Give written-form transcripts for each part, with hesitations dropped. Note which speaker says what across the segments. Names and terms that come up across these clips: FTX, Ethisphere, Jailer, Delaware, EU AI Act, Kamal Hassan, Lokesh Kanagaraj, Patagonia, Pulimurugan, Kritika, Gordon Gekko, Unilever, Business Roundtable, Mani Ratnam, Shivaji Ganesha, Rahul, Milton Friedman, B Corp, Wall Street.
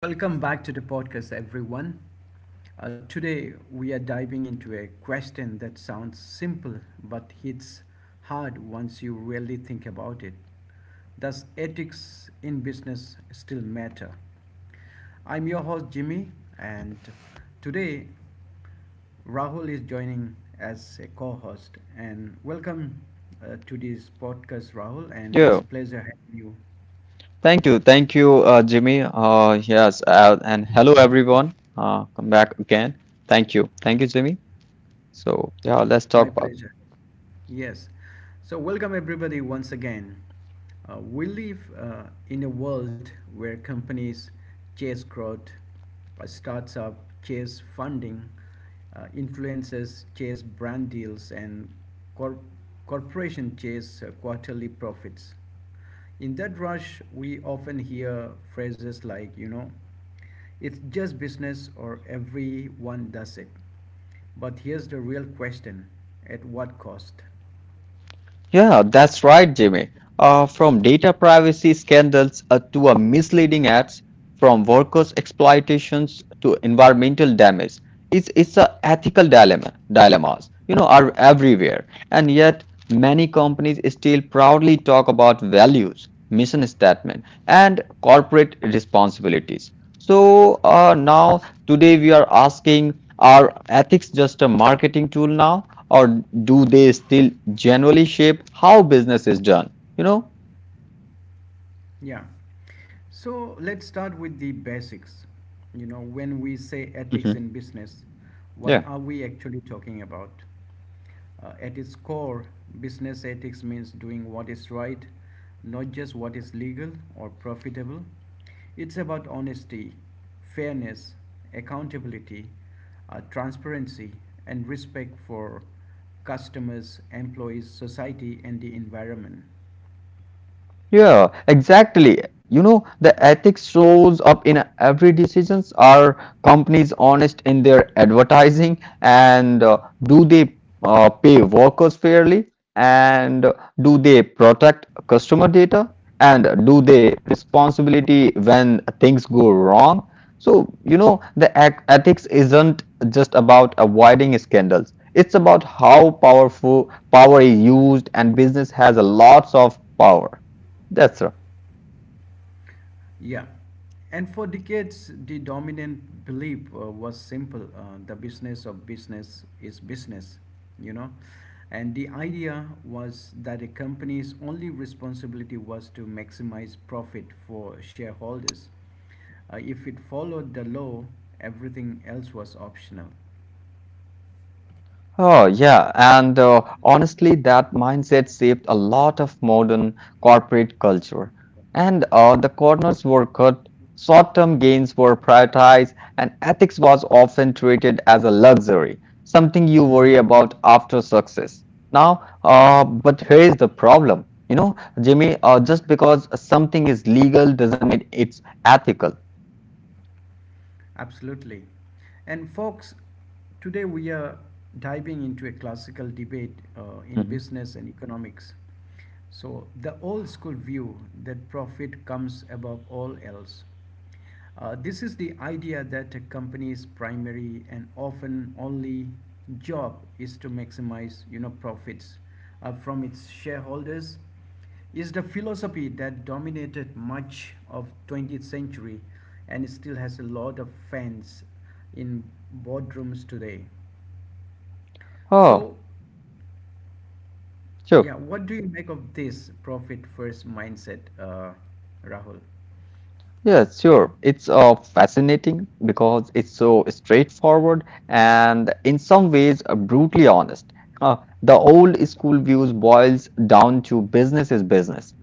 Speaker 1: Welcome back to the podcast, everyone. Today, we are diving into a question that sounds simple but hits hard once you really think about it. Does ethics in business still matter? I'm your host, Jimmy, and today, Rahul is joining as a co host. And welcome to this podcast, Rahul, and it's
Speaker 2: Yeah,
Speaker 1: a pleasure having you.
Speaker 2: thank you, Jimmy. Yes, and hello everyone. Come back again. Thank you, Jimmy. So yeah, let's
Speaker 1: My
Speaker 2: talk about.
Speaker 1: pleasure. Yes. So, welcome everybody once again. We live in a world where companies chase growth, startup chase funding, influencers chase brand deals, and cor- corporation chase quarterly profits. In that rush, we often hear phrases like, it's just business or everyone does it. But here's the real question, at what cost?
Speaker 2: Yeah, that's right, Jimmy. From data privacy scandals to a misleading ads, from workers' exploitations to environmental damage, it's a ethical dilemma. Dilemmas, you know, are everywhere, and yet many companies still proudly talk about values, mission statement, and corporate responsibilities. So now today we are asking: Are ethics just a marketing tool now, or do they still generally shape how business is done?
Speaker 1: Yeah. So let's start with the basics. You know, when we say ethics in
Speaker 2: Mhm.
Speaker 1: business, what
Speaker 2: Yeah.
Speaker 1: are we actually talking about? At its core, business ethics means doing what is right, not just what is legal or profitable. It's about honesty, fairness, accountability, transparency, and respect for customers, employees, society, and the environment.
Speaker 2: Yeah, exactly. You know, the ethics shows up in every decisions. Are companies honest in their advertising, and do they pay workers fairly? And do they protect customer data? And do they responsibility when things go wrong? So, you know, the ethics isn't just about avoiding scandals. It's about how powerful power is used, and business has a lots of power. That's right.
Speaker 1: Yeah. And for decades, the dominant belief was simple, the business of business is business, you know. And the idea was that a company's only responsibility was to maximize profit for shareholders. If it followed the law, everything else was optional.
Speaker 2: Oh, yeah. And honestly, that mindset shaped a lot of modern corporate culture. And the corners were cut, short-term gains were prioritized, and ethics was often treated as a luxury, something you worry
Speaker 1: hmm
Speaker 2: about after success. Now, uh,
Speaker 1: hmm
Speaker 2: but here's the problem. You know, Jimmy, just because something is legal doesn't mean it's ethical.
Speaker 1: Absolutely. And folks, today we are diving into a classical debate in
Speaker 2: Mhm.
Speaker 1: business and economics. So, the old school view that profit comes above all else. This is the idea that a company's primary and often only job is to maximize, profits from its shareholders, is the philosophy that dominated much of 20th century and still has a lot of fans in boardrooms today. So
Speaker 2: Oh,
Speaker 1: yeah,
Speaker 2: sure.
Speaker 1: what do you make of this profit first mindset, Rahul?
Speaker 2: Yeah, sure. It's fascinating because it's so straightforward and in some ways brutally honest. Uh, the old school views boils down to business is business,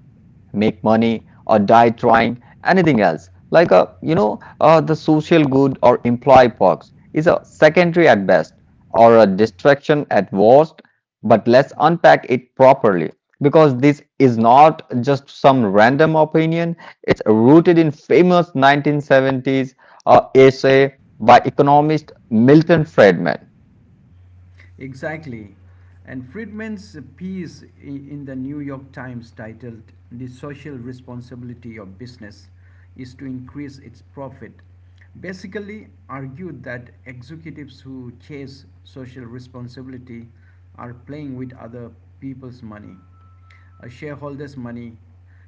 Speaker 2: make money or die trying, anything else like a you know the social good or employee perks is a secondary at best or a distraction at worst. But let's unpack it properly, because this is not just some random opinion. It's rooted in famous 1970s essay by economist Milton Friedman.
Speaker 1: Exactly. And Friedman's piece in the New York Times titled The Social Responsibility of Business is to Increase Its Profit basically argued that executives who chase social responsibility are playing with other people's money, a shareholders' money.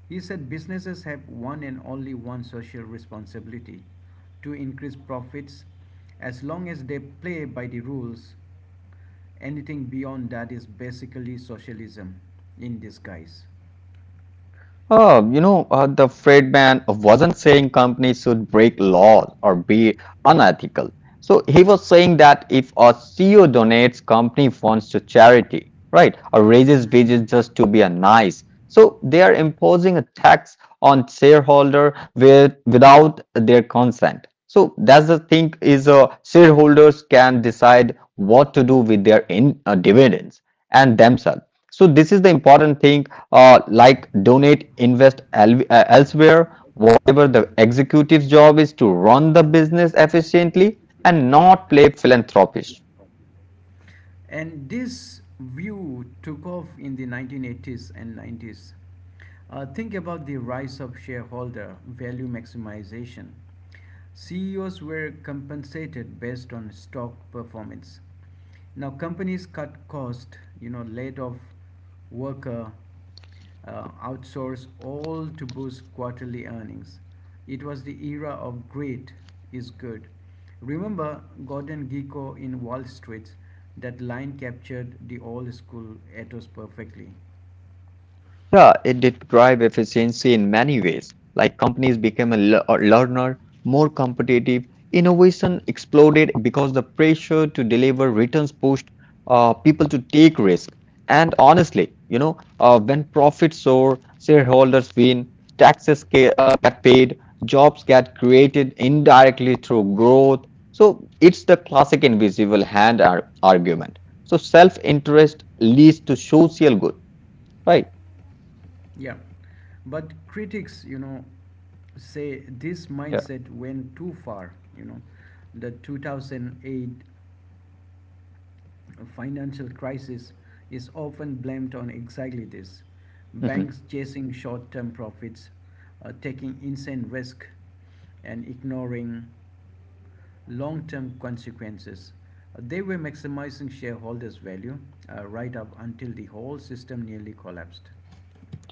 Speaker 1: He said businesses have one and only one social responsibility, to increase profits as long as they play by the rules. Anything beyond that is basically socialism in disguise.
Speaker 2: Oh, you know, the Fred man wasn't saying companies should break laws or be unethical. So he was saying that if a CEO donates company funds to charity, right, or raises
Speaker 1: Mhm.
Speaker 2: wages just to be a nice, so they are imposing a tax on shareholder with, without their consent. So that's the thing is, shareholders can decide what to do with their in, dividends and themselves. So this is the important thing, like donate, invest elsewhere. Whatever the executive's job is to run the business efficiently and not play philanthropist.
Speaker 1: And this view took off in the 1980s and 90s. Think about the rise of shareholder value maximization. CEOs were compensated based on stock performance. Now companies cut cost, you know, laid off worker, outsource all to boost quarterly earnings. It was the era of great is good. Remember Gordon Gekko in Wall Street? That line captured the old school ethos perfectly.
Speaker 2: Yeah, it did drive efficiency in many ways. Like companies became a learner, more competitive. Innovation exploded because the pressure to deliver returns pushed people to take risk. And honestly, you know, when profits soar, shareholders win, taxes get paid, jobs get created indirectly through growth. So it's the classic invisible hand argument. So self-interest leads to social good, right?
Speaker 1: Yeah, but critics, you know, say this mindset went too far. You know, the 2008 A financial crisis is often blamed on exactly this,
Speaker 2: Yeah.
Speaker 1: banks chasing short term profits, taking insane risk, and ignoring long term consequences. They were maximizing shareholders' value right up until the whole system nearly collapsed.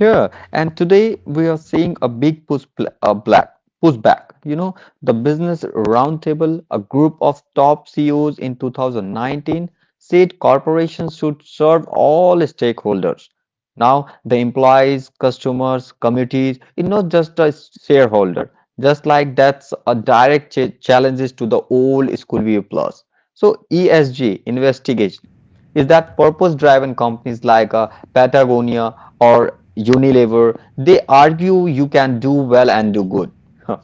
Speaker 2: Yeah, and today we are seeing a big push pl- black pushback. You know, the Business Roundtable, a group of top CEOs in 2019, said corporations should serve all stakeholders. Now, the employees, customers, communities, it's not just a shareholder. Just like that's a direct challenges to the old school view plus. So ESG investigation is that purpose-driven companies like Patagonia or Unilever, they argue you can do well and do good. Huh.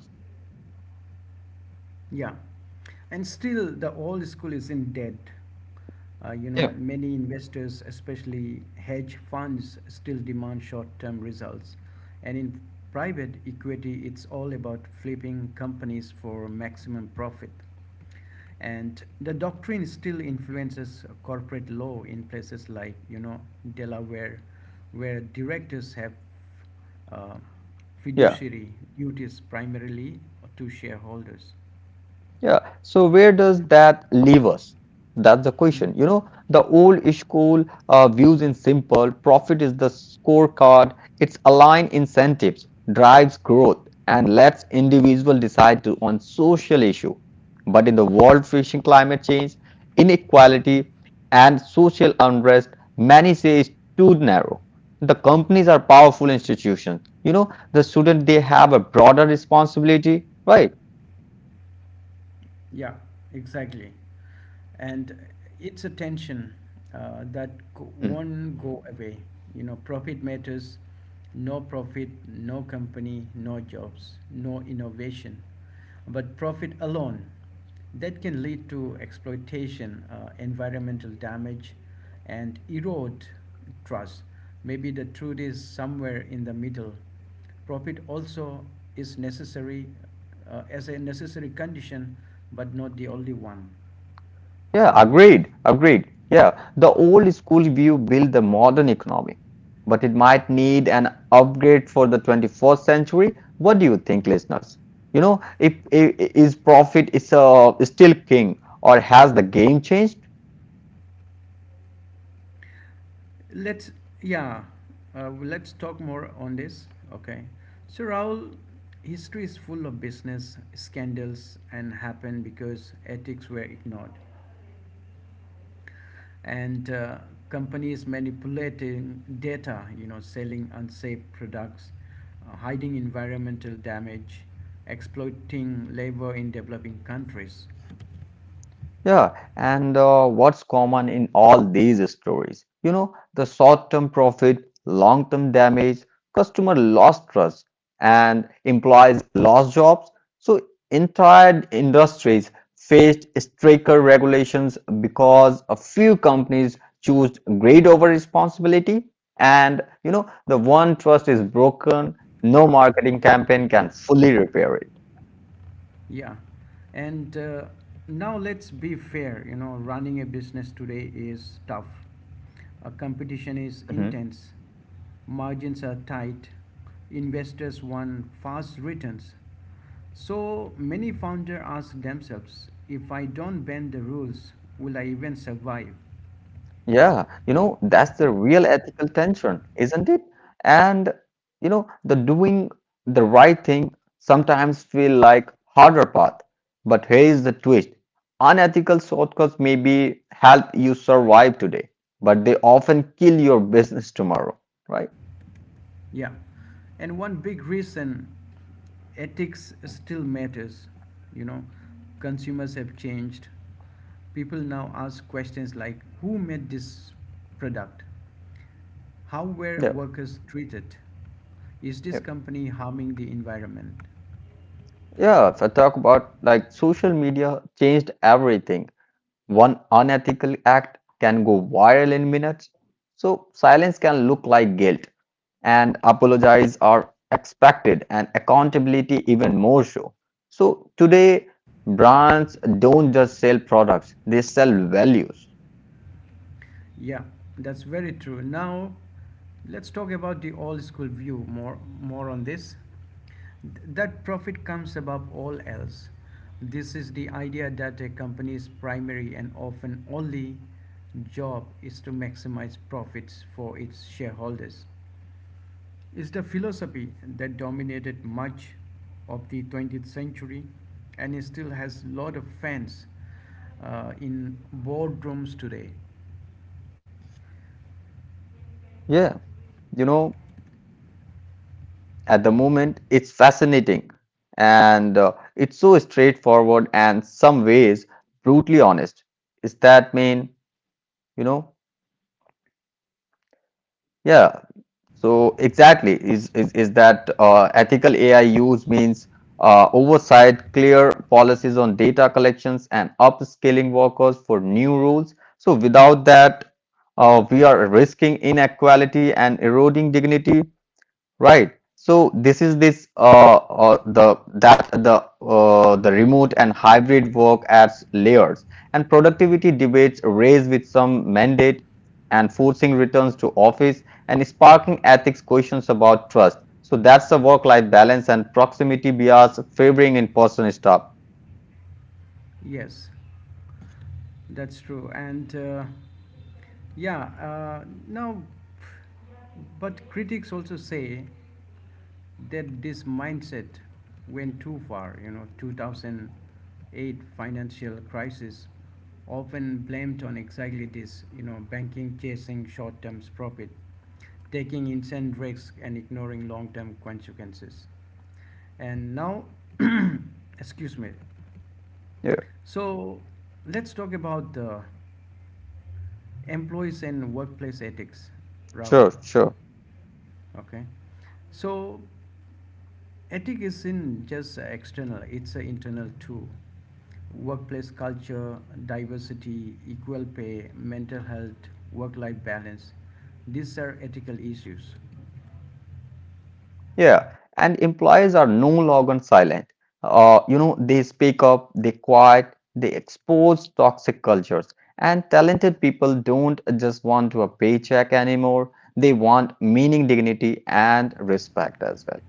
Speaker 1: Yeah, and still the old school isn't dead. You know,
Speaker 2: Yeah.
Speaker 1: many investors, especially hedge funds, still demand short term results. And in private equity, it's all about flipping companies for maximum profit. And the doctrine still influences corporate law in places like, you know, Delaware, where directors have uh,
Speaker 2: Yeah.
Speaker 1: fiduciary duties primarily to shareholders.
Speaker 2: Yeah, so where does that leave us? That's the
Speaker 1: Mhm.
Speaker 2: question. You know, the old school views in simple profit is the scorecard, it's align incentives, drives growth, and lets individual decide to, on social issue. But in the world facing climate change, inequality, and social unrest, many say is too narrow. The companies are powerful institutions. You know, the student they have a broader responsibility, right?
Speaker 1: Yeah, exactly. And it's a tension that won't go away. You know, profit matters. No profit, no company, no jobs, no innovation. But profit alone, that can lead to exploitation, environmental damage, and erode trust. Maybe the truth is somewhere in the middle. Profit also is necessary as a necessary condition, but not the only one.
Speaker 2: Yeah, agreed, agreed. Yeah, the old school view built the modern economy, but it might need an upgrade for the 21st century. What do you think, listeners? You know, if, I- is profit is still king, or has the game changed?
Speaker 1: Let's yeah, let's talk more on this. Okay, so Raul, history is full of business scandals and happened because ethics were ignored, and companies manipulating data, you know, selling unsafe products, hiding environmental damage, exploiting labor in developing countries.
Speaker 2: Yeah, and what's common in all these stories? You know, the short-term profit, long-term damage, customer lost trust, and employees lost jobs. So entire industries faced stricter regulations because a few companies choose greed over responsibility. And you know, the one trust is broken, no marketing campaign can fully repair it.
Speaker 1: Yeah. And now let's be fair. You know, running a business today is tough. Competition is intense. Margins are tight. Investors want fast returns. So many founders ask themselves, if I don't bend the rules, will I even survive?
Speaker 2: Yeah, you know, that's the real ethical tension, isn't it? And you know, the doing the right thing sometimes feel like harder path. But here is the twist. Unethical shortcuts maybe help you survive today, but they often kill your business tomorrow, right?
Speaker 1: Yeah. And one big reason ethics still matters, you know, consumers have changed. People now ask questions like, who made this product? How were
Speaker 2: Yeah.
Speaker 1: workers treated? Is this
Speaker 2: Yeah,
Speaker 1: company harming the environment?
Speaker 2: yeah, if I talk about like social media changed everything. One unethical act can go viral in minutes. So silence can look like guilt, and apologies are expected, and accountability even more so. So today, brands don't just sell products, they sell values.
Speaker 1: Yeah, that's very true. Now let's talk about the old school view more on this, that profit comes above all else. This is the idea that a company's primary and often only job is to maximize profits for its shareholders. It's the philosophy that dominated much of the 20th century and it still has a lot of fans in boardrooms today.
Speaker 2: Yeah, you know, at the moment, it's fascinating, and it's so straightforward and some ways brutally honest. Is that mean, you know, yeah, so exactly is that ethical AI use means oversight, clear policies on data collections, and upskilling workers for new rules. So without that, we are risking inequality and eroding dignity. Right. So this is this the that the remote and hybrid work adds layers, and productivity debates raise with some mandate and forcing returns to office and sparking ethics questions about trust. So that's the work-life balance and proximity bias favoring in-person stuff.
Speaker 1: Yes, that's true. And yeah, now, but critics also say that this mindset went too far. You know, 2008 financial crisis often blamed on exactly this. You know, banking chasing short-term profit, taking insane risks, and ignoring long-term consequences. And now, excuse me.
Speaker 2: Yeah,
Speaker 1: So let's talk about the employees and workplace ethics,
Speaker 2: sure,
Speaker 1: Rahul.
Speaker 2: sure.
Speaker 1: Okay. So ethic isn't just external; it's an internal too. Workplace culture, diversity, equal pay, mental health, work life balance. These are ethical issues.
Speaker 2: Yeah, and employees are no longer silent. You know, they speak up, they quiet, they expose toxic cultures. And talented people don't just want a paycheck anymore. They want meaning, dignity, and respect as well.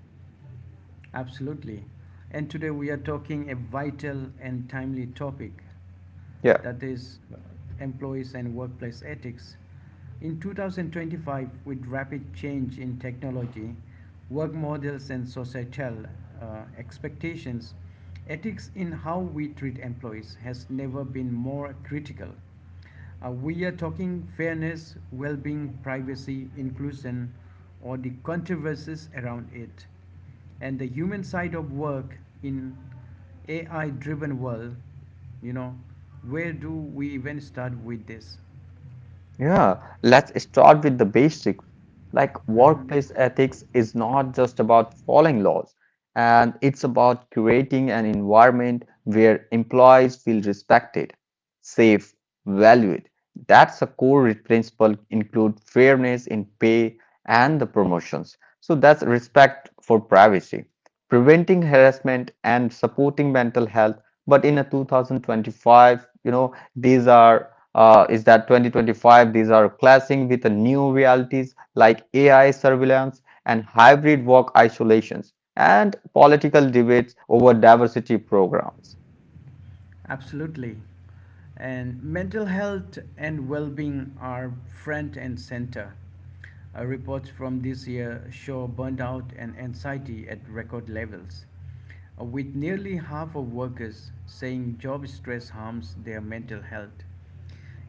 Speaker 1: Absolutely. And today we are talking a vital and timely topic,
Speaker 2: Yeah.
Speaker 1: that is employees and workplace ethics. In 2025, with rapid change in technology, work models, and societal expectations, ethics in how we treat employees has never been more critical. We are talking fairness, well being, privacy, inclusion, or the controversies around it, and the human side of work in AI driven world. You know, where do we even start with this?
Speaker 2: Yeah, let's start with the basics. Like
Speaker 1: Mhm.
Speaker 2: workplace ethics is not just about following laws, and it's about creating an environment where employees feel respected, safe, valued. That's a core principle include fairness in pay and the promotions. So that's respect for privacy, preventing harassment and supporting mental health, but in a 2025, you know, these are is that 2025, these are clashing with the new realities like AI surveillance and hybrid work isolations and political debates over diversity programs.
Speaker 1: Absolutely. And mental health and well being are front and center. Reports from this year show burnout and anxiety at record levels, with nearly half of workers saying job stress harms their mental health.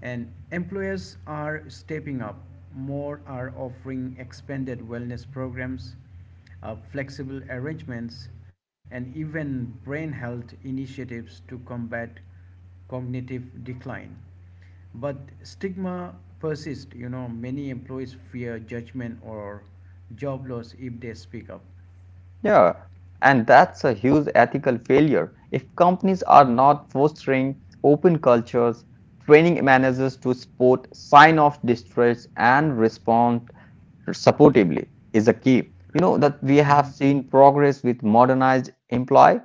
Speaker 1: And employers are stepping up. More are offering expanded wellness programs, flexible arrangements, and even brain health initiatives to combat cognitive decline. But stigma persists. You know, many employees fear judgment or job loss if they speak up.
Speaker 2: Yeah, and that's a huge ethical failure. If companies are
Speaker 1: Mhm.
Speaker 2: not fostering open cultures, training managers to spot sign of distress and respond supportively is a key. You know that we have seen progress with modernized employee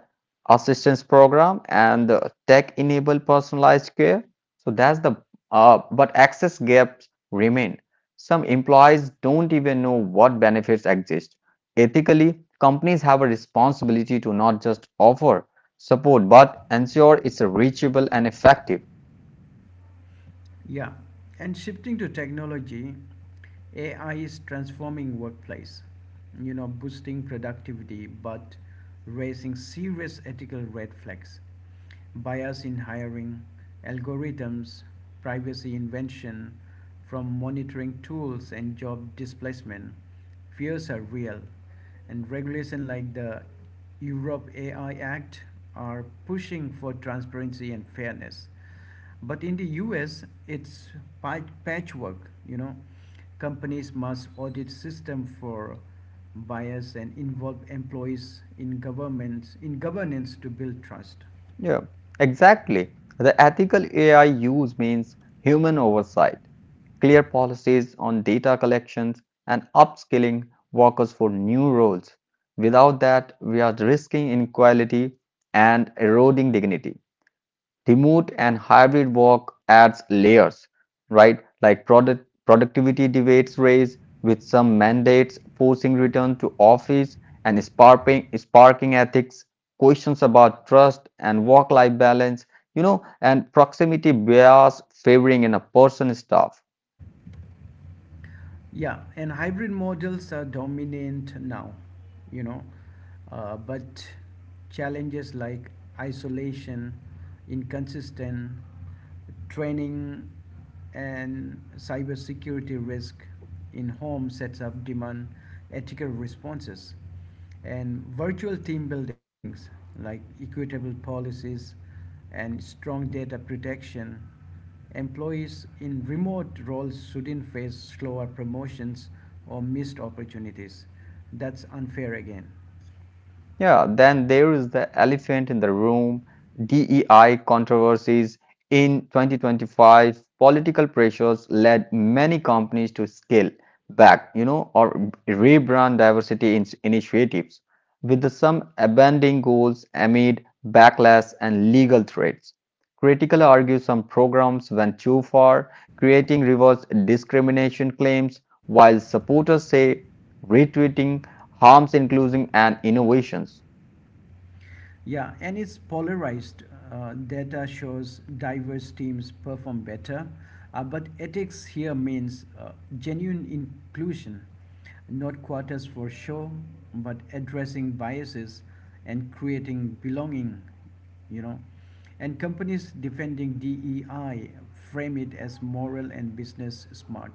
Speaker 2: assistance program and tech-enabled personalized care. So that's the but access gaps remain. Some employees don't even know what benefits exist. Ethically, companies have a responsibility to not just offer support but ensure it's reachable and effective.
Speaker 1: Yeah, and shifting to technology, AI is transforming workplace, you know, boosting productivity but raising serious ethical red flags. Bias in hiring, algorithms, privacy invention, from monitoring tools and job displacement, fears are real. And regulation like the Europe AI Act are pushing for transparency and fairness. But in the US, it's patchwork. You know, companies must audit system for bias and involve employees in governments in governance to build trust.
Speaker 2: Yeah, exactly. The ethical AI use means human oversight, clear policies on data collections, and upskilling workers for new roles. Without that, we are risking inequality and eroding dignity. Remote and hybrid work adds layers, right? Like productivity debates raise, with some mandates forcing return to office and sparking ethics questions about trust and work-life balance, you know, and proximity bias favoring in a person stuff.
Speaker 1: Yeah, and hybrid models are dominant now. You know, but challenges like isolation, inconsistent training and cybersecurity risk in home sets demand ethical responses and virtual team buildings, like equitable policies and strong data protection. Employees in remote roles shouldn't face slower promotions or missed opportunities. That's unfair again.
Speaker 2: Yeah, then there is the elephant in the room, DEI controversies. In 2025, political pressures led many companies to scale back, you know, or rebrand diversity in initiatives, with some abandoning goals amid backlash and legal threats. Critical argue some programs went too far, creating reverse discrimination claims, while supporters say retweeting harms inclusion and innovations.
Speaker 1: Yeah, and it's polarized. Data shows diverse teams perform better, but ethics here means genuine inclusion, not quotas for show, but addressing biases and creating belonging, you know. And companies defending DEI frame it as moral and business smart,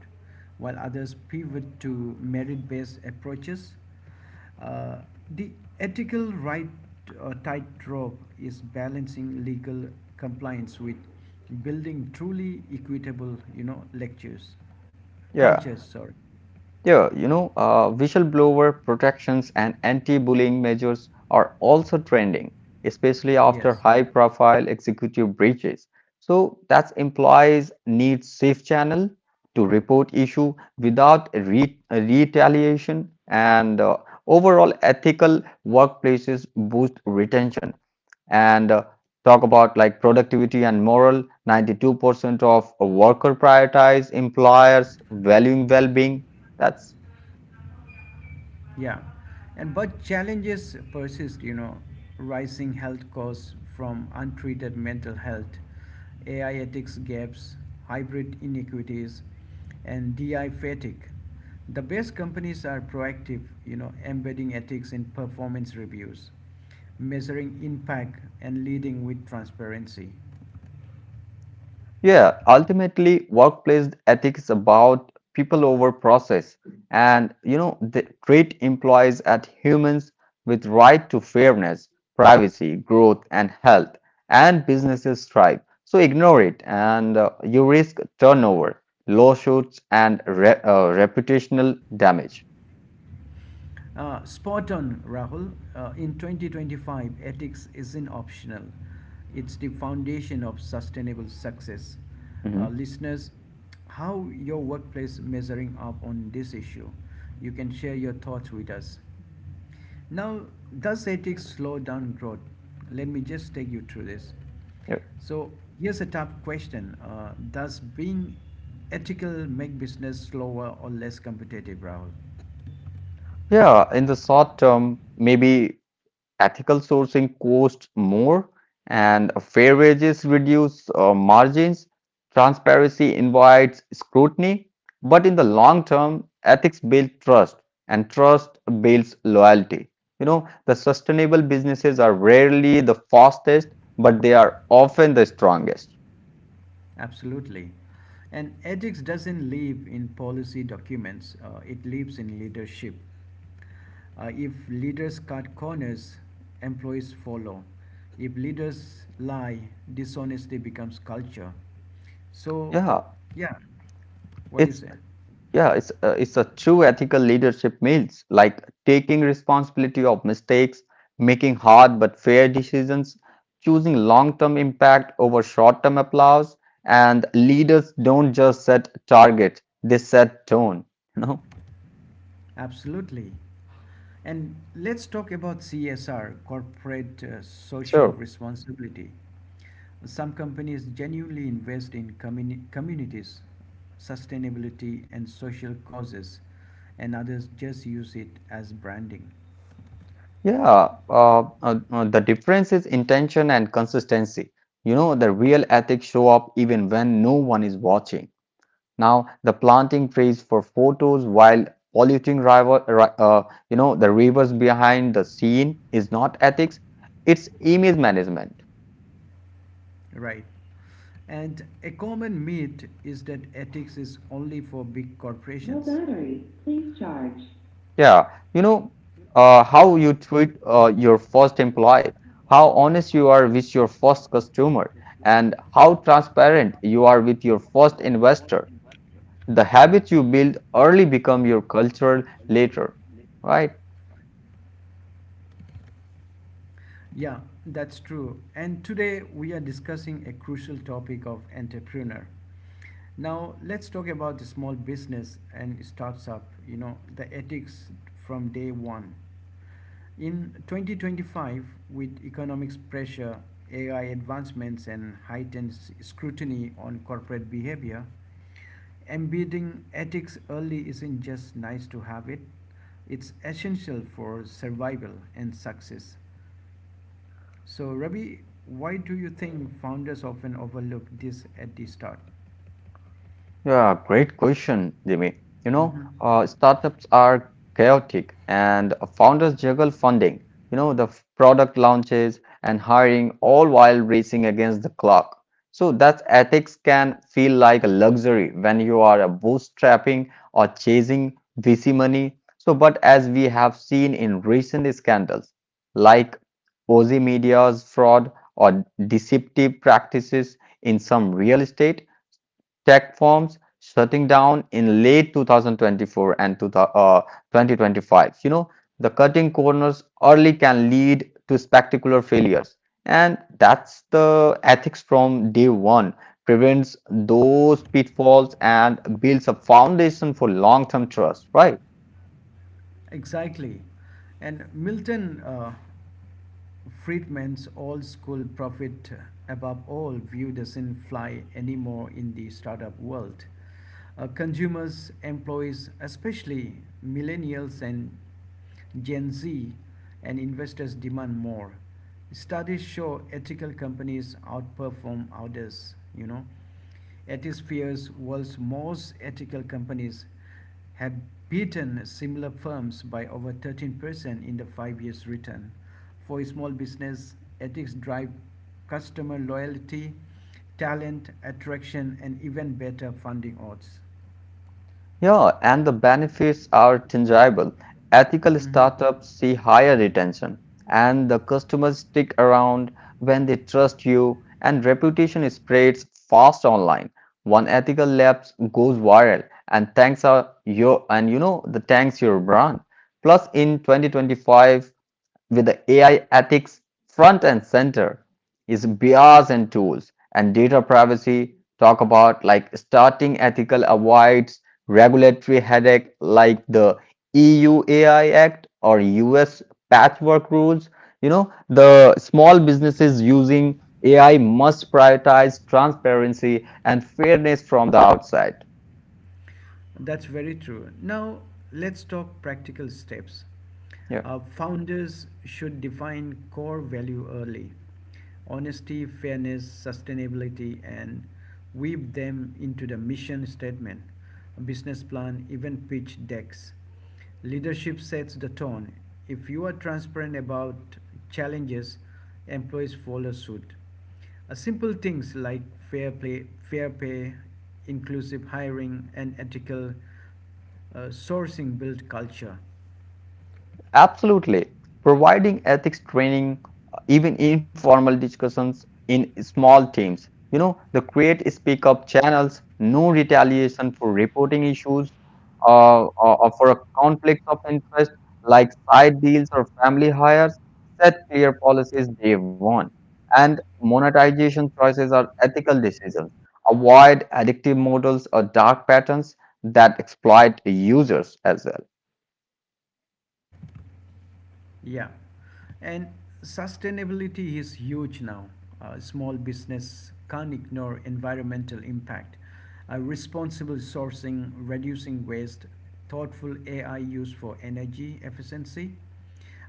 Speaker 1: while others pivot to merit based approaches. Uh, the ethical tightrope is balancing legal compliance with building truly equitable, you know, lectures,
Speaker 2: Yeah.
Speaker 1: cultures. Sorry.
Speaker 2: Yeah, you know, whistleblower protections and anti-bullying measures are also trending, especially after
Speaker 1: Yes.
Speaker 2: high-profile executive breaches. So that implies need safe channel to report issue without re retaliation, and overall ethical workplaces boost retention and talk about like productivity and moral, 92% of worker prioritize employers valuing well-being, that's
Speaker 1: Yeah, and but challenges persist. You know, rising health costs from untreated mental health, AI ethics gaps, hybrid inequities, and DI fatigue. The best companies are proactive. You know, embedding ethics in performance reviews, measuring impact, and leading with transparency.
Speaker 2: yeah, ultimately workplace ethics about people over process, and you know they treat employees as humans with right to fairness, privacy, growth and health, and businesses thrive. So ignore it and you risk turnover, lawsuits and reputational damage.
Speaker 1: Spot on, Rahul. In 2025, ethics isn't optional, it's the foundation of sustainable success.
Speaker 2: Mhm.
Speaker 1: Listeners, how your workplace measuring up on this issue? You can share your thoughts with us. Now, does ethics slow down growth? Let me just take you through this.
Speaker 2: Yeah,
Speaker 1: So, here's a tough question, does being ethical make business slower or less competitive, Rahul?
Speaker 2: yeah, in the short term, maybe ethical sourcing costs more, and fair wages reduce margins. Transparency invites scrutiny, but in the long term, ethics build trust, and trust builds loyalty. You know, the sustainable businesses are rarely the fastest, but they are often the strongest.
Speaker 1: Absolutely. And ethics doesn't live in policy documents, it lives in leadership. If leaders cut corners, employees follow. If leaders lie, dishonesty becomes culture. So,
Speaker 2: Yeah,
Speaker 1: yeah, what do you
Speaker 2: it's
Speaker 1: say?
Speaker 2: yeah, it's a true ethical leadership means like taking responsibility of mistakes, making hard but fair decisions, choosing long-term impact over short-term applause, and leaders don't just set target, they set tone, you know?
Speaker 1: Absolutely. And let's talk about CSR, corporate social
Speaker 2: Sure.
Speaker 1: responsibility. Some companies genuinely invest in communities, sustainability, and social causes, and others just use it as branding.
Speaker 2: Yeah, the difference is intention and consistency. You know, the real ethics show up even when no one is watching. Now, the planting trees for photos while polluting you know, the rivers behind the scene is not ethics. It's image management.
Speaker 1: Right. And a common myth is that ethics is only for big No corporations. Battery. Please charge.
Speaker 2: Yeah, you know, how you treat your first employee, how honest you are with your first customer, and how transparent you are with your first investor. The habits you build early become your culture later, right?
Speaker 1: Yeah, that's true. And today we are discussing a crucial topic of entrepreneur. Now let's talk about the small business and starts up. You know, the ethics from day one. In 2025, with economics pressure, AI advancements, and heightened scrutiny on corporate behavior, embedding ethics early isn't just nice to have it, it's essential for survival and success. So, Ravi, why do you think founders often overlook this at the start?
Speaker 2: Yeah, great question, Jimmy.
Speaker 1: hmm
Speaker 2: Startups are chaotic and founders juggle funding, product launches and hiring all while racing against the clock. So that ethics can feel like a luxury when you are bootstrapping or chasing VC money. So, but as we have seen in recent scandals like Ozy Media's fraud or deceptive practices in some real estate, tech firms shutting down in late 2024 and uh, 2025. You know, the cutting corners early can lead to spectacular failures. And that's the ethics from day one prevents those pitfalls and builds a foundation for long-term trust, right?
Speaker 1: Exactly. And Milton Friedman's old school prophet above all view doesn't fly anymore in the startup world. Consumers, employees, especially millennials and Gen Z, and investors demand more. Studies show ethical companies outperform others, you know. Ethisphere's world's most ethical companies have beaten similar firms by over 13% in the 5 years return. For small business, ethics drive customer loyalty, talent attraction, and even better funding odds.
Speaker 2: Yeah, and the benefits are tangible. Ethical
Speaker 1: Mhm.
Speaker 2: startups see higher retention, and the customers stick around when they trust you, and reputation spreads fast online. One ethical lapse goes viral, and thanks are your and you know the thanks your brand. Plus, in 2025, with the AI ethics front and center is bias and tools and data privacy talk about like starting ethical avoids regulatory headache like the EU AI Act or US patchwork rules. You know, the small businesses using AI must prioritize transparency and fairness from the outside.
Speaker 1: That's very true. Now, let's talk practical steps.
Speaker 2: Yeah.
Speaker 1: Founders should define core value early, honesty, fairness, sustainability, and weave them into the mission statement, business plan, even pitch decks. Leadership sets the tone. If you are transparent about challenges, employees follow suit. Simple things like fair play, fair pay, inclusive hiring, and ethical sourcing build culture.
Speaker 2: Absolutely. Providing ethics training, even informal discussions in small teams. You know, the create speak up channels, no retaliation for reporting issues or for a conflict of interest like side deals or family hires, set clear policies day one. And monetization choices are ethical decisions. Avoid addictive models or dark patterns that exploit users as well.
Speaker 1: Yeah, and sustainability is huge now. Small business can't ignore environmental impact. Responsible sourcing, reducing waste, thoughtful AI use for energy efficiency.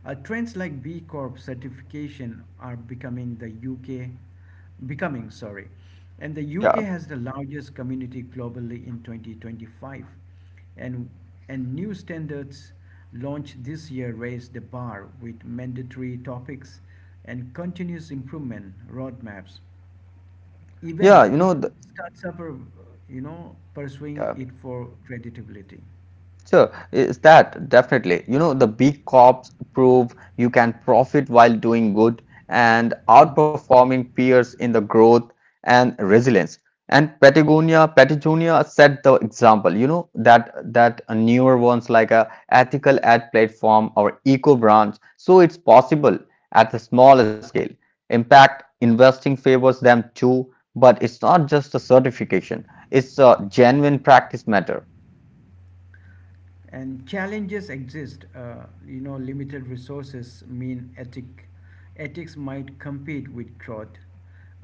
Speaker 1: Trends like B Corp certification are becoming the UK, becoming sorry, and the UK
Speaker 2: Yeah,
Speaker 1: has the largest community globally in 2025, and and new standards launched this year raise the bar with mandatory topics and continuous improvement roadmaps.
Speaker 2: yeah,
Speaker 1: Even startups are, you know, pursuing
Speaker 2: yeah.
Speaker 1: it for creditability.
Speaker 2: Sure, is that definitely. You know, the big corps prove you can profit while doing good and
Speaker 1: Mm-hmm.
Speaker 2: outperforming peers in the growth and resilience. And Patagonia set the example. You know that newer ones like a ethical ad platform or eco brands. So it's possible at the small scale. Impact investing favors them too, but it's not just a certification. It's a genuine practice matter.
Speaker 1: And challenges exist, you know, limited resources mean ethics might compete with growth,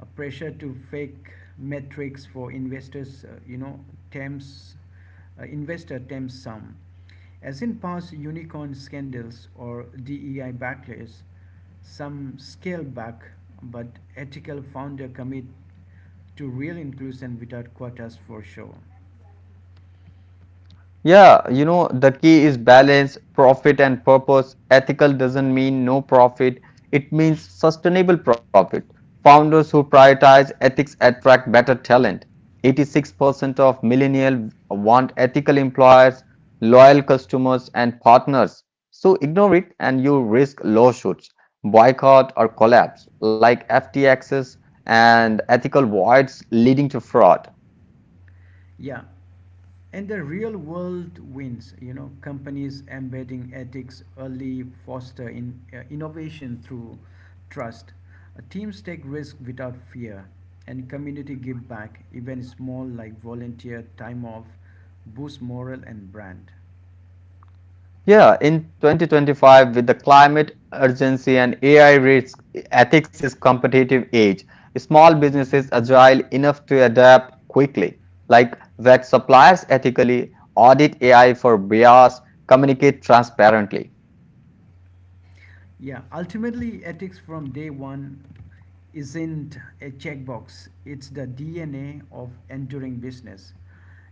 Speaker 1: a pressure to fake metrics for investors, you know, tempts, investor tempts some, as in past unicorn scandals or dei backlash, some scale back, but ethical founder commit to real inclusion without quotas for sure.
Speaker 2: Yeah, you know, the key is balance, profit and purpose. Ethical doesn't mean no profit, it means sustainable profit. Founders who prioritize ethics attract better talent. 86% of millennials want ethical employers, loyal customers, and partners. So ignore it and you risk lawsuits, boycott, or collapse, like FTXs and ethical voids leading to fraud.
Speaker 1: Yeah. And the real world wins, you know, companies embedding ethics early foster in, innovation through trust. Teams take risk without fear, and community give back, even small like volunteer time off, boost morale and brand.
Speaker 2: Yeah, in 2025, with the climate urgency and AI risk, ethics is competitive edge. Small businesses
Speaker 1: Mhm.
Speaker 2: agile enough to adapt quickly, like vet suppliers ethically, audit AI for bias, communicate transparently.
Speaker 1: Yeah, ultimately, ethics from day one isn't a checkbox, it's the DNA of enduring business.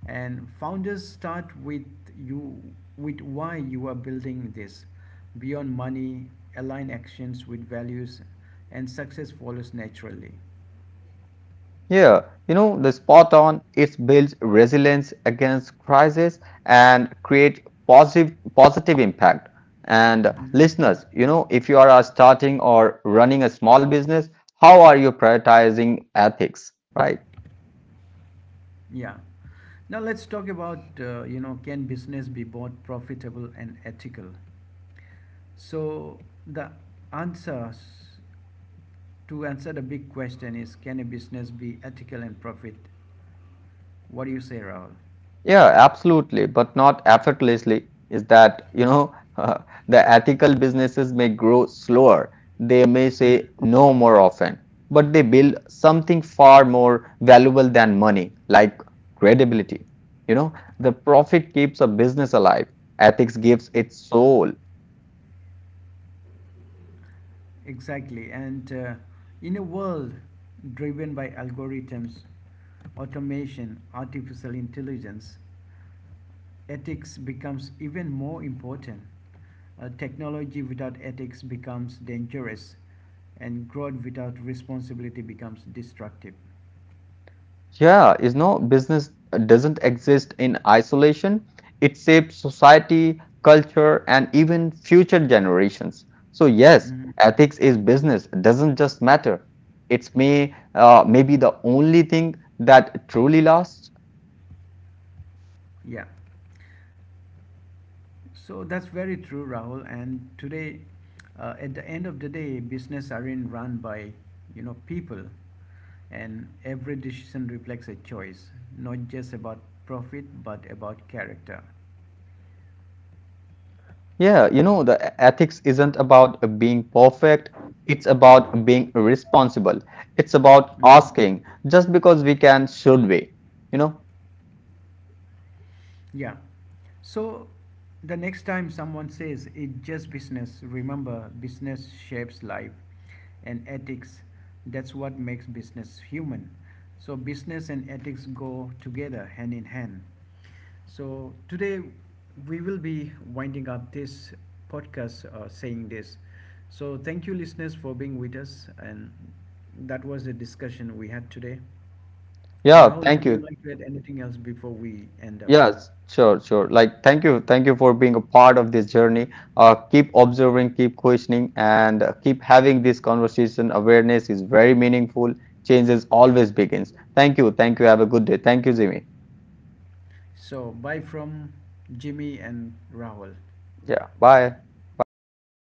Speaker 1: And founders start with you, with why you are building this. Beyond money, align actions with values, and success follows naturally.
Speaker 2: Yeah, you know, the spot on it builds resilience against crisis and create positive impact. And
Speaker 1: Mhm.
Speaker 2: listeners, you know, if you are starting or running a small business, how are you prioritizing ethics, right?
Speaker 1: Yeah. Now let's talk about, you know, can business be both profitable and ethical. So the answers To answer the big question, is can a business be ethical and profit? What do you say, Rahul?
Speaker 2: Yeah, absolutely, but not effortlessly. Is that, you know, the ethical businesses may grow slower. They may
Speaker 1: Mhm.
Speaker 2: say no more often, but they build something far more valuable than money, like credibility. You know, the profit keeps a business alive. Ethics gives it soul.
Speaker 1: Exactly. And in a world driven by algorithms, automation, artificial intelligence, ethics becomes even more important. Technology without ethics becomes dangerous, and growth without responsibility becomes destructive.
Speaker 2: Yeah, is no business doesn't exist in isolation. It shapes society, culture, and even future generations. So yes,
Speaker 1: Mhm.
Speaker 2: ethics is business doesn't just matter. It's maybe the only thing that truly lasts.
Speaker 1: Yeah. So that's very true, Rahul. And today, at the end of the day, business aren't run by, you know, people, and every decision reflects a choice, not just about profit but about character.
Speaker 2: Yeah, you know, ethics isn't about being perfect. It's about being responsible. It's about
Speaker 1: Mhm.
Speaker 2: asking just because we can, should we? You know?
Speaker 1: Yeah. So the next time someone says it's just business, remember business shapes life and ethics. That's what makes business human. So business and ethics go together hand in hand. So today we will be winding up this podcast saying this. So thank you listeners for being with us and that was the discussion we had today.
Speaker 2: Yeah,
Speaker 1: Rahul,
Speaker 2: thank
Speaker 1: would you
Speaker 2: you.
Speaker 1: like to add anything else before we end up?
Speaker 2: Yes, sure, sure. Like, thank you for being a part of this journey. Keep observing, keep questioning, and keep having this conversation. Awareness is very meaningful. Changes always begins. Thank you, thank you. Have a good day. Thank you, Jimmy.
Speaker 1: So, bye from Jimmy and Rahul.
Speaker 2: Yeah, bye. Bye, everyone.